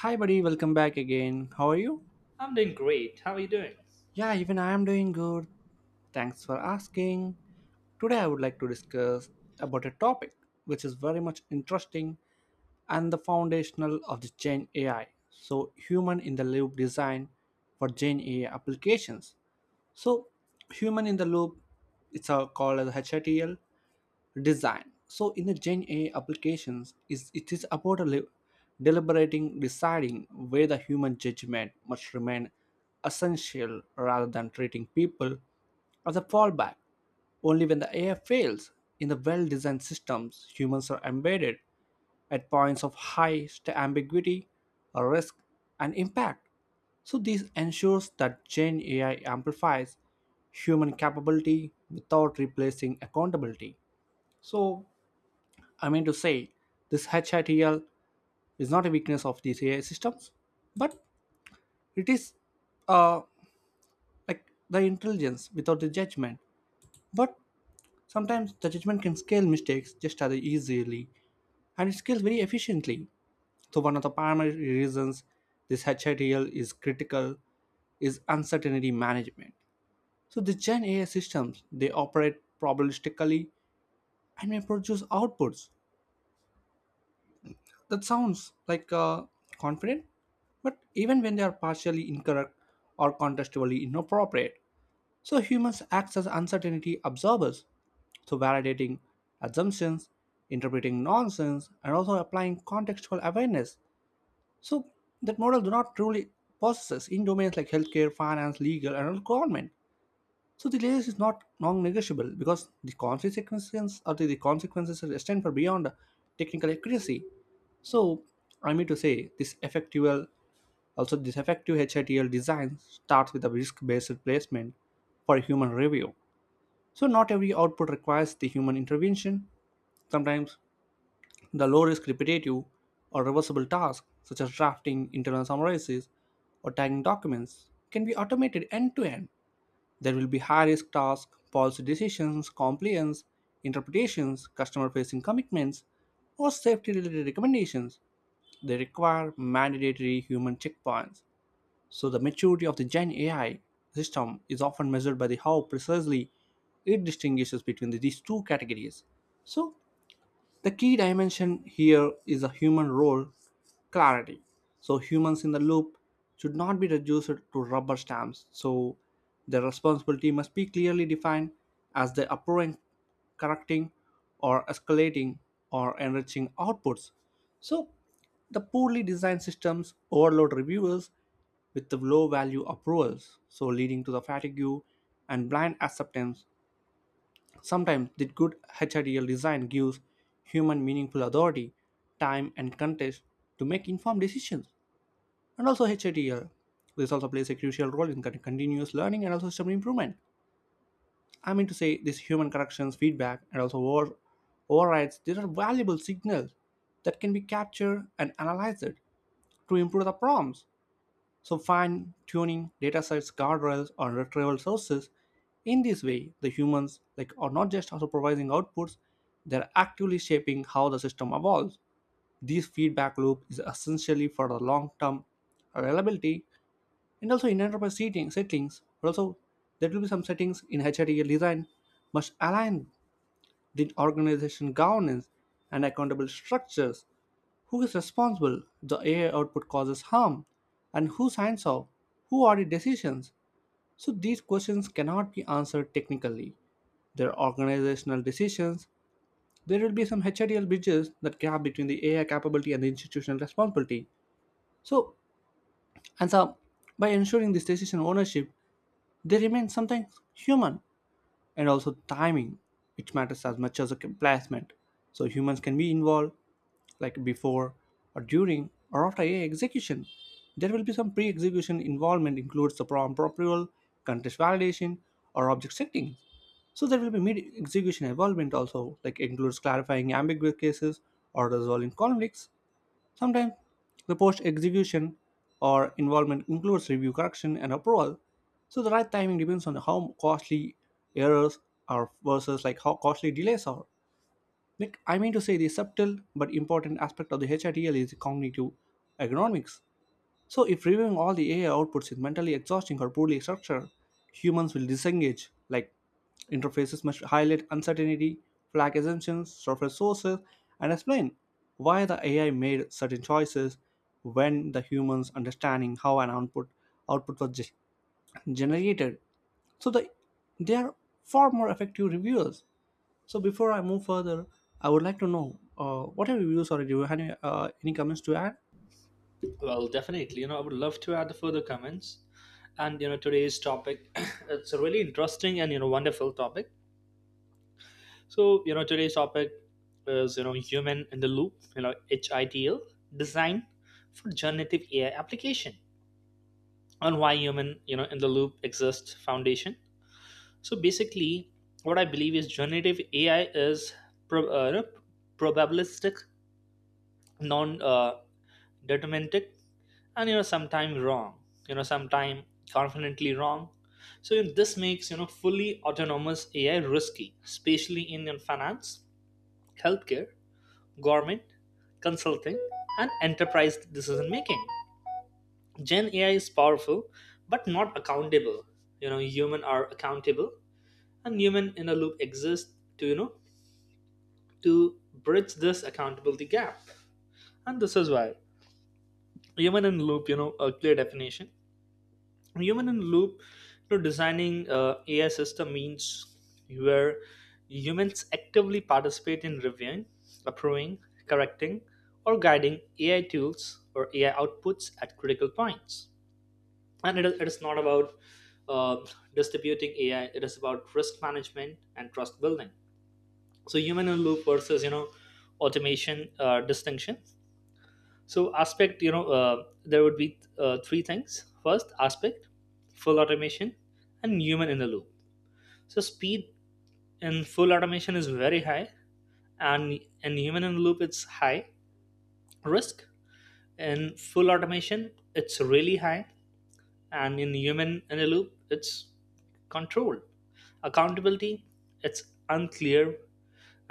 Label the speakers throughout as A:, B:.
A: Hi, buddy. Welcome back again. How are you?
B: I'm doing great. How are you doing?
A: Yeah, even I am doing good. Thanks for asking. Today, I would like to discuss about a topic which is very much interesting and the foundational of the Gen AI. So, human in the loop design for Gen AI applications. So, human in the loop, it's called as HATL design. So in the Gen A applications, is it is about deliberating, deciding where the human judgment must remain essential rather than treating people as a fallback. Only when the AI fails, in the well-designed systems, humans are embedded at points of ambiguity, risk, and impact. So this ensures that Gen AI amplifies human capability without replacing accountability. So, I mean to say, this HITL is not a weakness of these AI systems, but it is uh, like the intelligence without the judgment. But sometimes the judgment can scale mistakes just as easily, and it scales very efficiently. So, one of the primary reasons this HITL is critical is uncertainty management. So, the Gen AI systems they operate probabilistically and may produce outputs that sounds like confident, but even when they are partially incorrect or contextually inappropriate. So humans act as uncertainty absorbers, so validating assumptions, interpreting nonsense, and also applying contextual awareness. So that model do not truly possess in domains like healthcare, finance, legal, and government. So the layoff is not non-negotiable because the consequences or the consequences are extend for beyond technical accuracy. So I mean to say this effective HITL design starts with a risk-based placement for human review. So not every output requires the human intervention. Sometimes the low-risk repetitive or reversible tasks such as drafting internal summaries or tagging documents can be automated end-to-end. There will be high risk tasks, policy decisions, compliance, interpretations, customer facing commitments, or safety related recommendations. They require mandatory human checkpoints. So, the maturity of the Gen AI system is often measured by the how precisely it distinguishes between these two categories. So, the key dimension here is a human role clarity. So, humans in the loop should not be reduced to rubber stamps. So, their responsibility must be clearly defined as the approving, correcting, or escalating or enriching outputs. So, the poorly designed systems overload reviewers with the low value approvals, so leading to the fatigue and blind acceptance. Sometimes the good HIDL design gives human meaningful authority, time, and context to make informed decisions. And also HIDL. This also plays a crucial role in continuous learning and also system improvement. I mean to say, this human corrections, feedback, and also overrides, these are valuable signals that can be captured and analyzed to improve the prompts. So, fine tuning data sets, guardrails, or retrieval sources. In this way, the humans like are not just supervising outputs, they're actively shaping how the system evolves. This feedback loop is essentially for the long-term reliability and also in enterprise seating settings. But also, there will be some settings in HRDL design must align the organization governance and accountable structures. Who is responsible? The AI output causes harm. And who signs off? Who audit decisions? So these questions cannot be answered technically. There are organizational decisions. There will be some HIDL bridges that gap between the AI capability and the institutional responsibility. So, and so by ensuring this decision ownership, they remain sometimes human, and also timing, which matters as much as the placement. So humans can be involved like before or during or after a execution. There will be some pre-execution involvement includes the prompt approval, context validation, or object settings. So there will be mid execution involvement also, like includes clarifying ambiguous cases or resolving conflicts. Sometimes the post execution or involvement includes review, correction, and approval. So the right timing depends on how costly errors are versus like how costly delays are. Like I mean to say, the subtle but important aspect of the HRTL is cognitive ergonomics. So, if reviewing all the AI outputs is mentally exhausting or poorly structured, humans will disengage. Like, interfaces must highlight uncertainty, flag assumptions, surface sources, and explain why the AI made certain choices when the humans understanding how an output was generated. So, they are far more effective reviewers. So, before I move further, I would like to know what are your views, or do you have any comments to add?
B: Well, definitely. I would love to add the further comments. Today's topic, it's a really interesting and wonderful topic. Today's topic is human in the loop. HITL design for generative AI application on why human in the loop exists foundation. So basically, what I believe is generative AI is pro- uh, you know, probabilistic, non deterministic, and sometimes wrong, sometimes confidently wrong. So, this makes fully autonomous AI risky, especially in finance, healthcare, government, consulting, and enterprise decision making. Gen AI is powerful but not accountable. Human are accountable, and human in a loop exists to to bridge this accountability gap. And this is why human in loop, a clear definition. Human in loop, designing AI system means where humans actively participate in reviewing, approving, correcting, or guiding AI tools or AI outputs at critical points. And it is not about uh, distributing AI. It is about risk management and trust building. So human in loop versus automation distinction. So aspect, there would be three things. First aspect, full automation and human in the loop. So speed in full automation is very high, and in human in the loop it's high. Risk in full automation, it's really high, and in human in the loop it's controlled. Accountability, it's unclear.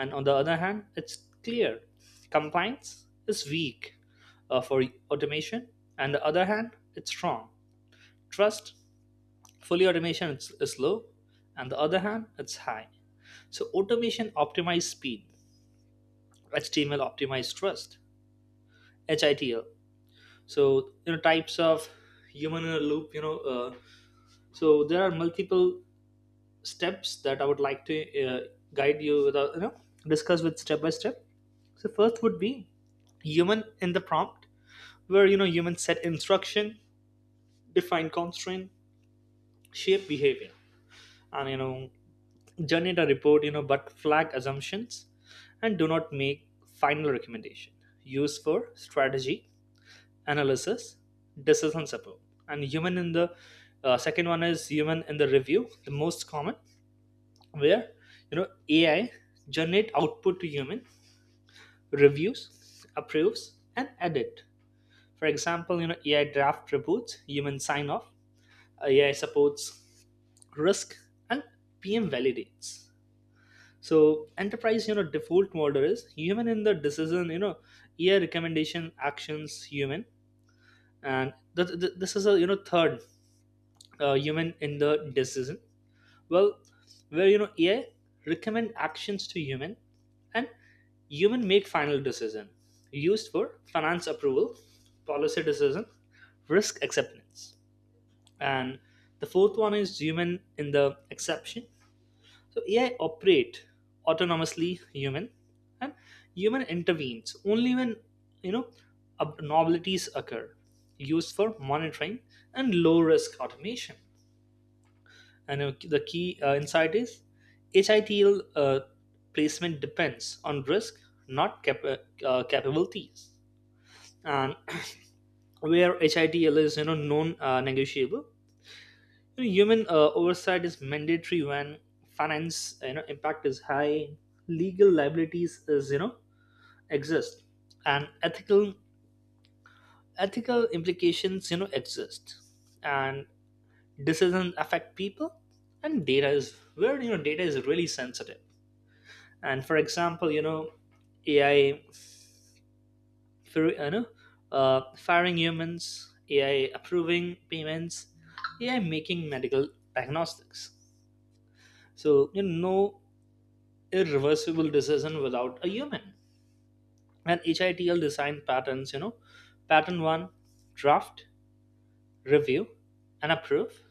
B: And on the other hand, it's clear. Compliance is weak, for automation, and the other hand, it's strong. Trust, fully automation is low, and the other hand, it's high. So automation optimized speed, HTML optimized trust, HITL. So types of human in a loop. So there are multiple steps that I would like to guide you with, discuss with step by step. So first would be human in the prompt, where humans set instruction, define constraint, shape behavior, and generate a report, but flag assumptions, and do not make final recommendation. Use for strategy, analysis, decision support, and human in the second one is human in the review, the most common, where AI generate output to human, reviews, approves, and edit. For example, AI draft reports, human sign off. AI supports risk and PM validates. So enterprise, default model is human in the decision. AI recommendation actions human, and this is a third, human in the decision. Well, where AI recommend actions to human and human make final decision, used for finance approval, policy decision, risk acceptance. And the fourth one is human in the exception. So AI operate autonomously human, and human intervenes only when you know abnormalities occur, used for monitoring and low risk automation. And the key insight is HITL placement depends on risk, not capabilities. And where HITL is non negotiable, human oversight is mandatory when finance impact is high, legal liabilities is exist, and ethical implications exist, and decisions affect people, and data is where data is really sensitive. And for example, AI for, firing humans, AI approving payments, AI making medical diagnostics. So, no irreversible decision without a human. And HITL design patterns, pattern one: draft, review, and approve.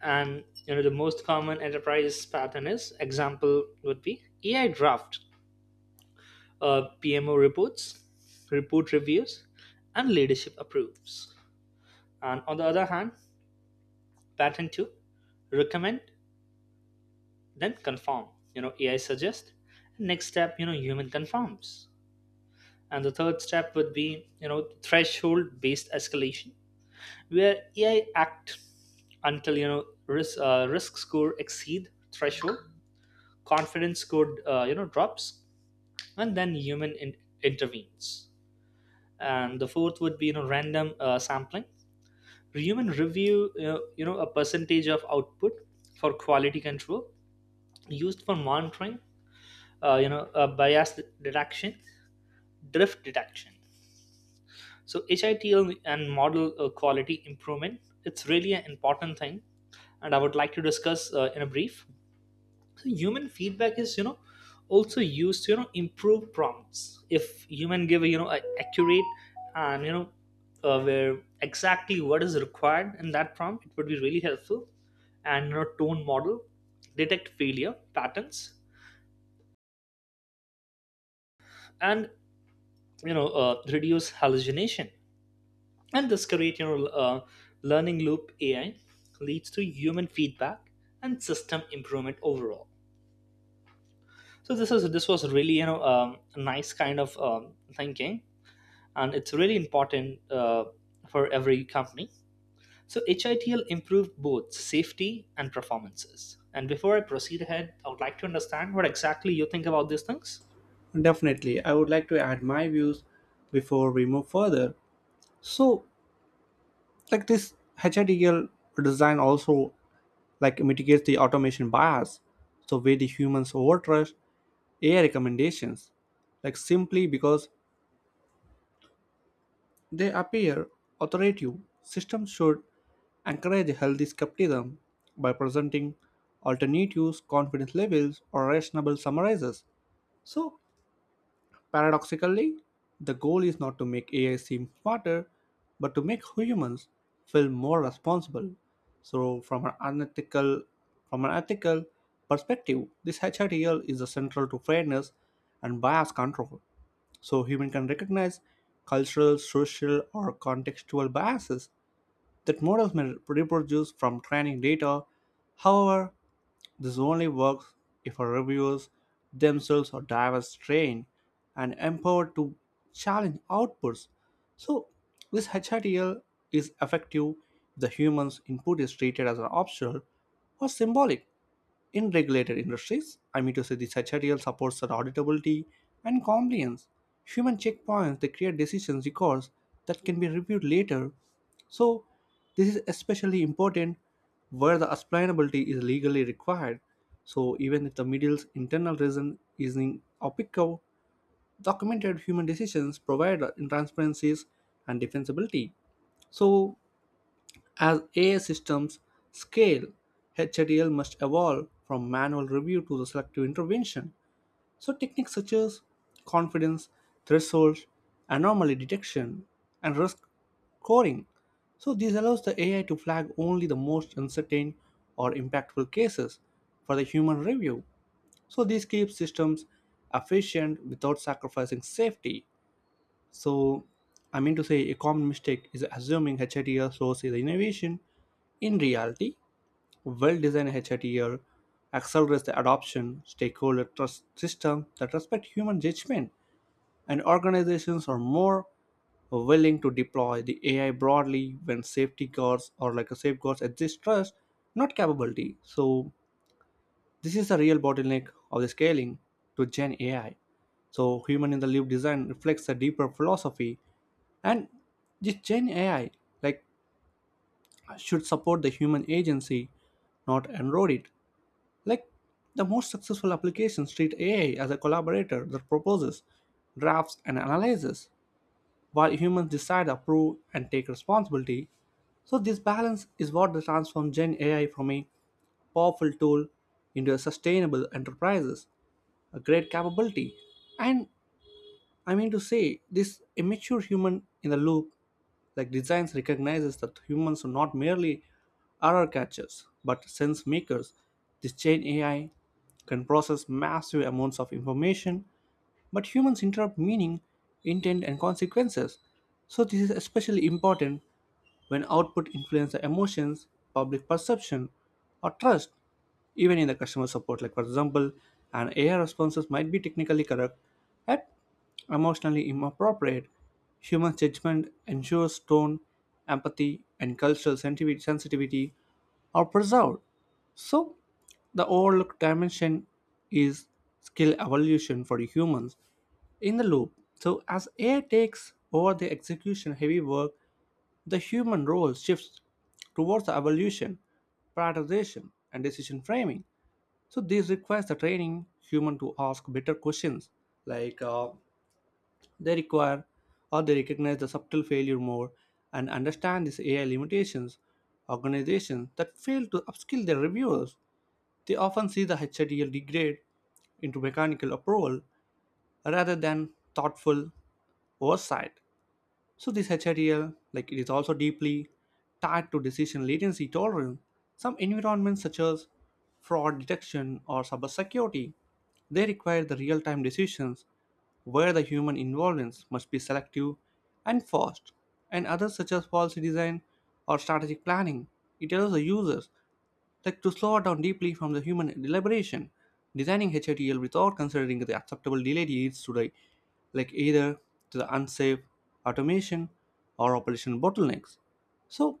B: And the most common enterprise pattern is, example would be AI draft, PMO reports, report reviews, and leadership approves. And on the other hand, pattern two, recommend, then confirm. AI suggests. Next step, human confirms. And the third step would be, threshold based escalation, where AI act until risk score exceed threshold, confidence score drops, and then intervenes. And the fourth would be random sampling, human review a percentage of output for quality control, used for monitoring, bias detection, drift detection. So HITL and model quality improvement, it's really an important thing. And I would like to discuss in a brief. The human feedback is also used to improve prompts. If human give a accurate and where exactly what is required in that prompt, it would be really helpful. And tone model, detect failure patterns, and reduce hallucination. And this create learning loop. AI leads to human feedback and system improvement overall. So this was really a nice kind of thinking, and it's really important for every company. So HITL improved both safety and performances. And before I proceed ahead, I would like to understand what exactly you think about these things.
A: Definitely, I would like to add my views before we move further. So, like this HIDL design also like mitigates the automation bias, so where the humans overtrust AI recommendations, like simply because they appear authoritative. Systems should encourage healthy skepticism by presenting alternatives, confidence levels, or rational summarizes. So, paradoxically, the goal is not to make AI seem smarter, but to make humans feel more responsible. So from an ethical perspective, this HRTL is central to fairness and bias control. So human can recognize cultural, social, or contextual biases that models may reproduce from training data. However, this only works if our reviewers themselves are diverse, trained, and empowered to challenge outputs. So, this HRTL is effective if the human's input is treated as an optional or symbolic. In regulated industries, I mean to say the secretarial supports that auditability and compliance. Human checkpoints they create decisions records that can be reviewed later. So this is especially important where the explainability is legally required. So even if the middle's internal reason is in OPICO, documented human decisions provide in transparencies and defensibility. So as AI systems scale, HADL must evolve from manual review to the selective intervention. So techniques such as confidence, thresholds, anomaly detection, and risk scoring. So this allows the AI to flag only the most uncertain or impactful cases for the human review. So this keeps systems efficient without sacrificing safety. So, I mean to say, a common mistake is assuming HATL source is innovation. In reality, well designed HATL accelerates the adoption, stakeholder trust system that respect human judgment, and organizations are more willing to deploy the AI broadly when safety guards or like a safeguards exist. Trust, not capability. So this is the real bottleneck of the scaling to Gen AI. So human in the loop design reflects a deeper philosophy, and this Gen AI like should support the human agency, not erode it. Like the most successful applications treat AI as a collaborator that proposes, drafts, and analyzes, while humans decide, approve, and take responsibility. So this balance is what transforms Gen AI from a powerful tool into a sustainable enterprises, a great capability. And I mean to say, this immature human in the loop like designs recognizes that humans are not merely error catchers but sense makers. This chain AI can process massive amounts of information, but humans interrupt meaning, intent, and consequences. So this is especially important when output influences emotions, public perception, or trust, even in the customer support. Like for example, an AI responses might be technically correct, but emotionally inappropriate. Human judgment ensures tone, empathy, and cultural sensitivity are preserved. So, the overlooked dimension is skill evolution for humans in the loop. So, as AI takes over the execution heavy work, the human role shifts towards the evolution, prioritization, and decision framing. So this requires the training human to ask better questions, like they require or they recognize the subtle failure more and understand these AI limitations. Organizations that fail to upskill their reviewers, they often see the HTL degrade into mechanical approval rather than thoughtful oversight. So this HRDL, like it is also deeply tied to decision latency tolerance. Some environments such as fraud detection or cyber security, they require the real-time decisions where the human involvement must be selective and fast. And others such as policy design or strategic planning, it allows the users like to slow down deeply from the human deliberation. Designing HATL without considering the acceptable delay leads to the like either to the unsafe automation or operation bottlenecks. So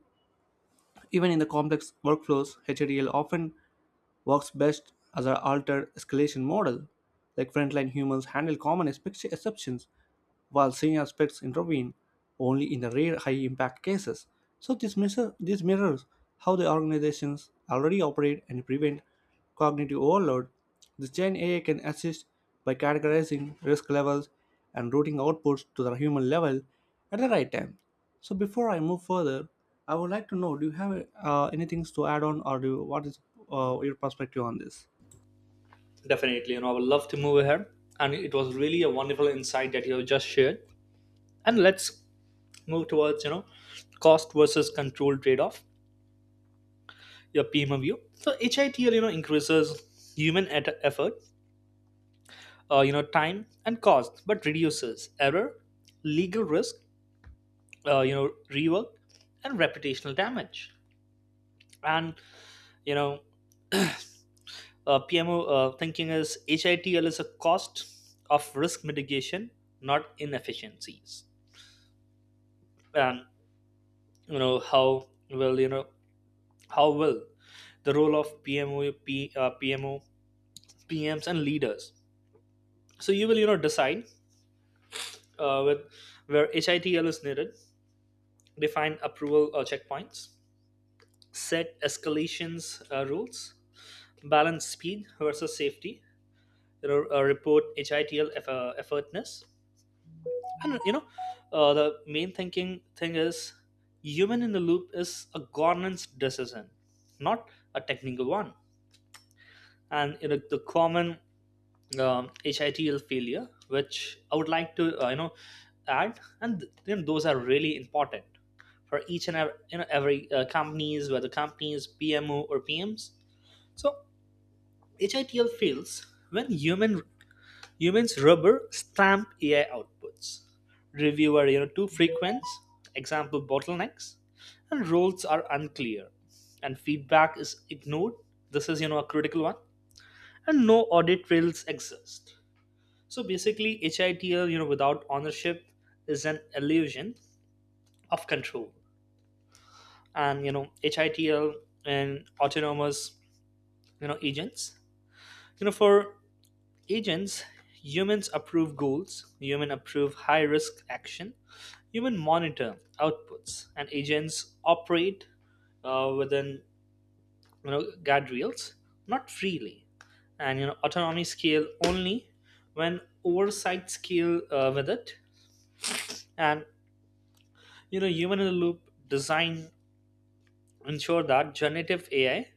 A: even in the complex workflows, HADL often works best as an altered escalation model, like frontline humans handle common exceptions while senior aspects intervene only in the rare high impact cases. So this mirrors how the organizations already operate and prevent cognitive overload. The Gen AI can assist by categorizing risk levels and routing outputs to the human level at the right time. So before I move further, I would like to know: do you have anything to add on, or what is your perspective on this?
B: Definitely, I would love to move ahead. And it was really a wonderful insight that you have just shared. And let's move towards, cost versus control trade-off, your PMO view. So HITL, increases human effort, time and cost, but reduces error, legal risk, rework, and reputational damage. And you know PMO thinking is HITL is a cost of risk mitigation, not inefficiencies. And you know how will you know how will the role of PMO, PMs and leaders, so you will decide, with where HITL is needed, define approval checkpoints, set escalations rules, balance speed versus safety, report HITL effortness. And the main thinking thing is human in the loop is a governance decision, not a technical one. And the common HITL failure, which I would like to add, and those are really important for each and every, every companies, whether companies, PMO or PMs. So HITL fails when humans rubber stamp AI outputs. Review are too frequent, example bottlenecks, and roles are unclear, and feedback is ignored. This is a critical one, and no audit trails exist. So basically, HITL without ownership is an illusion of control, and HITL and autonomous agents. For agents, humans approve goals, human approve high risk action, human monitor outputs, and agents operate within guardrails, not freely. And autonomy scale only when oversight scale with it. And human in the loop design ensure that generative AI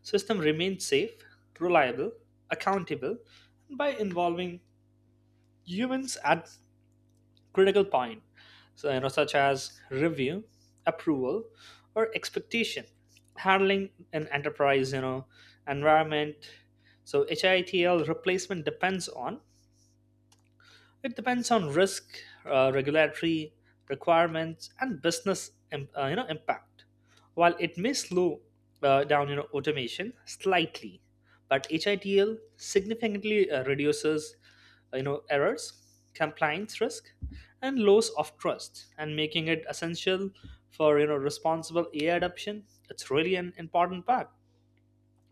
B: system remains safe, reliable, accountable by involving humans at critical point, so, such as review, approval, or expectation handling an enterprise environment. So HITL replacement depends on risk, regulatory requirements, and business impact. While it may slow down automation slightly, but HITL significantly reduces errors, compliance risk, and loss of trust, and making it essential for responsible AI adoption. It's really an important part.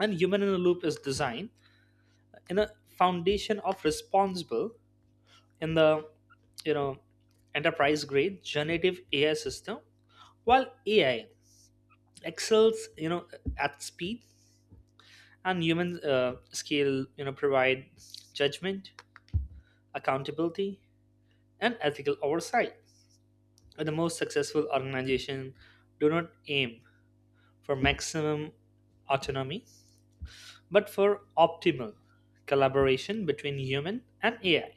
B: And human in a loop is designed in a foundation of responsible in the you know enterprise grade generative AI system, while AI excels at speed, and human scale provide judgment, accountability, and ethical oversight. And the most successful organization do not aim for maximum autonomy, but for optimal collaboration between human and AI.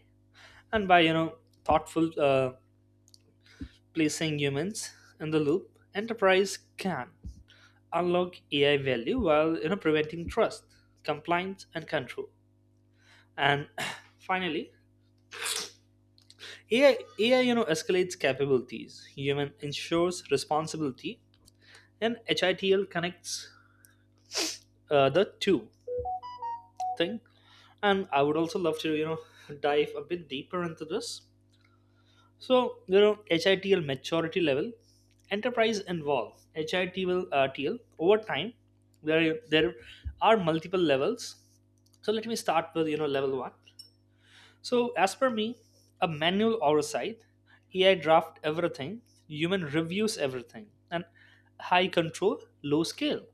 B: And by thoughtful placing humans in the loop, enterprise can unlock AI value while preventing trust, compliance, and control. And finally, AI escalates capabilities. Human ensures responsibility, and HITL connects the two thing. And I would also love to dive a bit deeper into this. So HITL maturity level, enterprise involve HITL TL over time. There are multiple levels. So let me start with level one. So as per me, a manual oversight, AI draft everything, human reviews everything, and high control, low scale,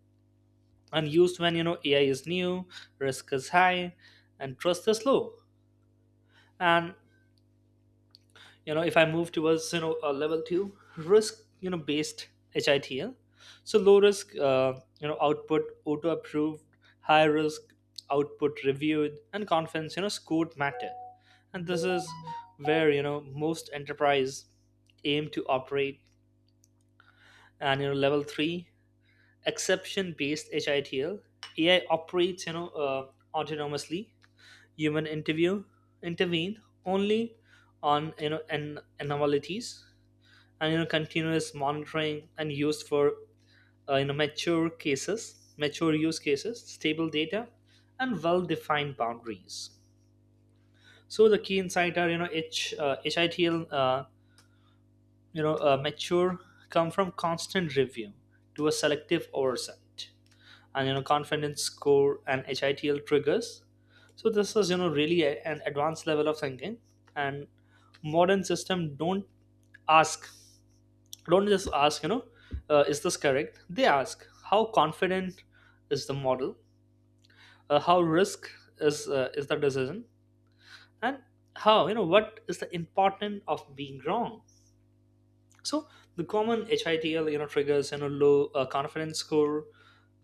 B: and used when AI is new, risk is high, and trust is low. And if I move towards a level 2 risk based HITL, so low risk output auto approved, high risk output reviewed, and confidence scored matter. And this is where most enterprise aim to operate. And level 3 exception based HITL, AI operates autonomously. Human interview intervene only on an anomalies, and continuous monitoring, and used for mature use cases, stable data, and well defined boundaries. So the key insight are HITL mature come from constant review to a selective oversight, and confidence score and HITL triggers. So this is really an advanced level of thinking. And modern system ask don't just ask, is this correct? They ask how confident is the model, how risk is the decision, and how, what is the importance of being wrong. So the common HITL triggers, low confidence score,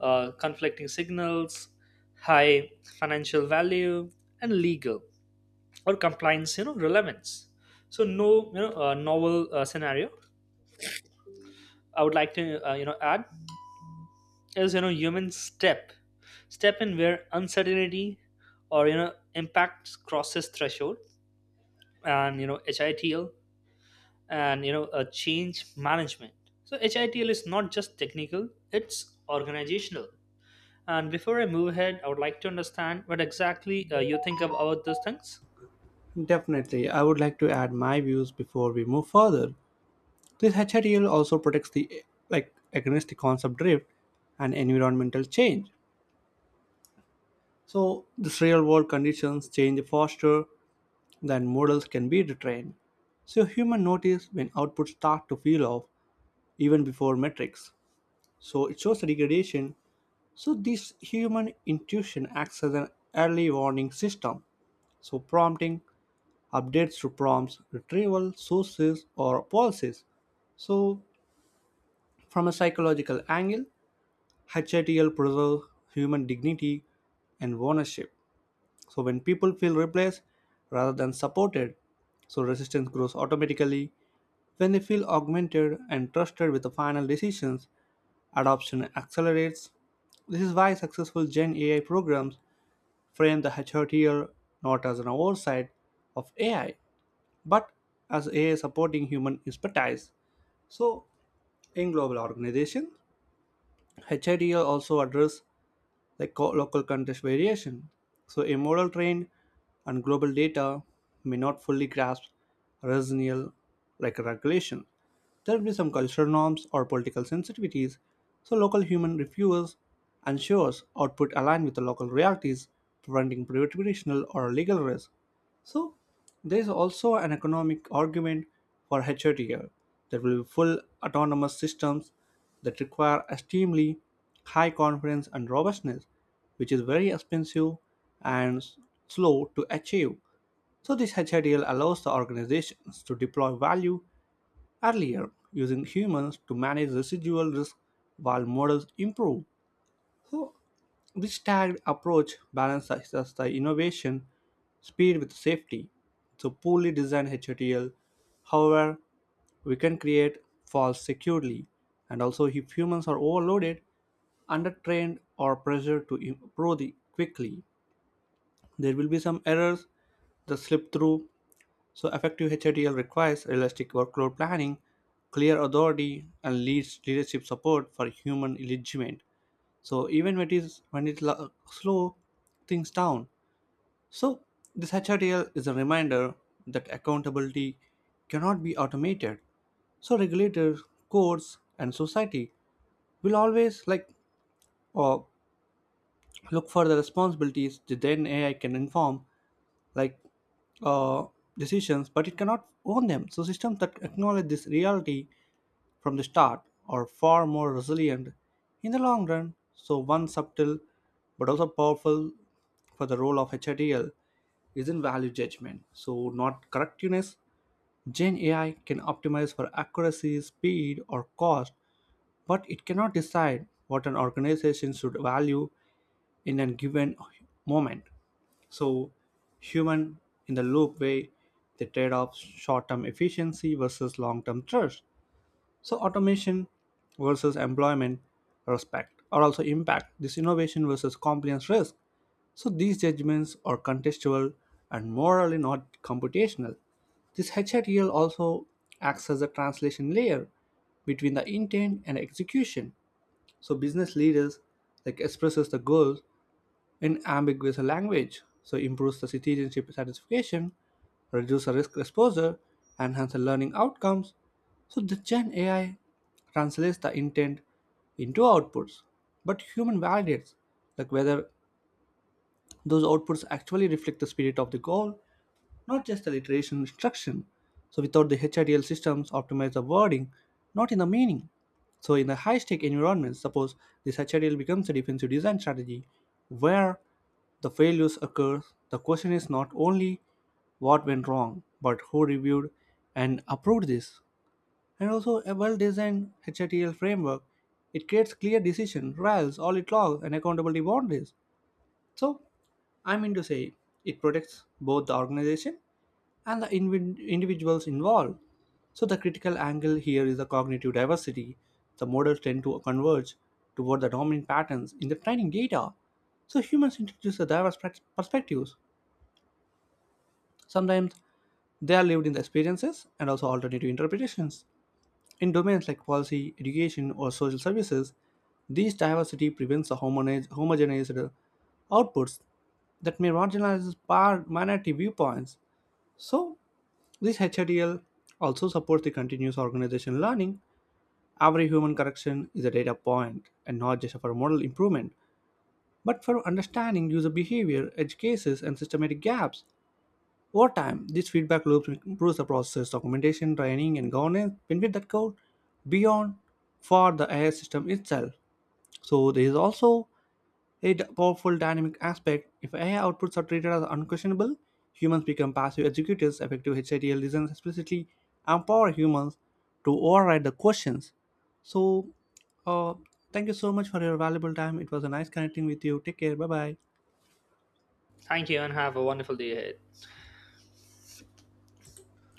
B: conflicting signals, high financial value, and legal or compliance relevance. So, no, novel scenario I would like to add is, human step in where uncertainty or impacts crosses threshold. And HITL and a change management. So HITL is not just technical, it's organizational. And before I move ahead, I would like to understand what exactly you think about these things.
A: Definitely, I would like to add my views before we move further. This HRTL also protects the like against the concept drift and environmental change. So, this real world conditions change faster then models can be retrained. So humans notice when outputs start to feel off even before metrics. So it shows a degradation. So this human intuition acts as an early warning system. So prompting updates to prompts, retrieval, sources, or policies. So from a psychological angle, HATL preserves human dignity and ownership. So when people feel replaced rather than supported, so resistance grows automatically when they feel augmented and trusted with the final decisions, adoption accelerates. This is why successful Gen AI programs frame the HRTL not as an oversight of AI, but as AI supporting human expertise. So, in global organizations, HRTL also address like local context variation. So, a model trained on global data may not fully grasp regional like regulation. There will be some cultural norms or political sensitivities, so local human reviews ensures output align with the local realities, preventing reputational or legal risk. So there is also an economic argument for HRTL. There will be full autonomous systems that require extremely high confidence and robustness, which is very expensive and slow to achieve. So this HRTL allows the organizations to deploy value earlier using humans to manage residual risk while models improve. So this tagged approach balances the innovation speed with safety. So poorly designed HTL, however, we can create faults securely. And also, if humans are overloaded, undertrained, or pressured to quickly, there will be some errors that slip through, so effective HIDL requires realistic workload planning, clear authority, and leads leadership support for human engagement. So, even when it slow things down. So, this HIDL is a reminder that accountability cannot be automated. So, regulators, courts, and society will always like or look for the responsibilities that then AI can inform, like uh, decisions, but it cannot own them. So systems that acknowledge this reality from the start are far more resilient in the long run. So one subtle but also powerful for the role of HITL is in value judgment. So not correctness. Gen AI can optimize for accuracy, speed, or cost, but it cannot decide what an organization should value in a given moment. So, human in the loop way, they trade off short term efficiency versus long term trust. So automation versus employment respect or also impact this innovation versus compliance risk. So these judgments are contextual and morally not computational. This HRTL also acts as a translation layer between the intent and execution. So business leaders like expresses the goals in ambiguous language, so improves the citizenship satisfaction, reduces the risk exposure, enhances the learning outcomes. So the Gen AI translates the intent into outputs, but human validates like whether those outputs actually reflect the spirit of the goal, not just the literation instruction. So without the HIDL systems optimize the wording, not in the meaning. So in the high-stake environments, suppose this HIDL becomes a defensive design strategy where the failures occur, the question is not only what went wrong, but who reviewed and approved this. And also a well-designed HITL framework, it creates clear decision, RALs, audit logs, and accountability boundaries. So I mean to say it protects both the organization and the individuals involved. So the critical angle here is the cognitive diversity. The models tend to converge toward the dominant patterns in the training data. So humans introduce the diverse perspectives. Sometimes they are lived in the experiences and also alternative interpretations. In domains like policy, education, or social services, this diversity prevents the homogenized outputs that may marginalize minority viewpoints. So, this HIDL also supports the continuous organizational learning. Every human correction is a data point and not just for model improvement, but for understanding user behavior, edge cases, and systematic gaps. Over time, these feedback loops improves the process, documentation, training, and governance benefit that go beyond for the AI system itself. So there is also a powerful dynamic aspect. If AI outputs are treated as unquestionable, humans become passive executors. Effective HITL designs explicitly empower humans to override the questions. So, uh, thank you so much for your valuable time. It was a nice connecting with you. Take care. Bye bye.
B: Thank you, and have a wonderful day ahead.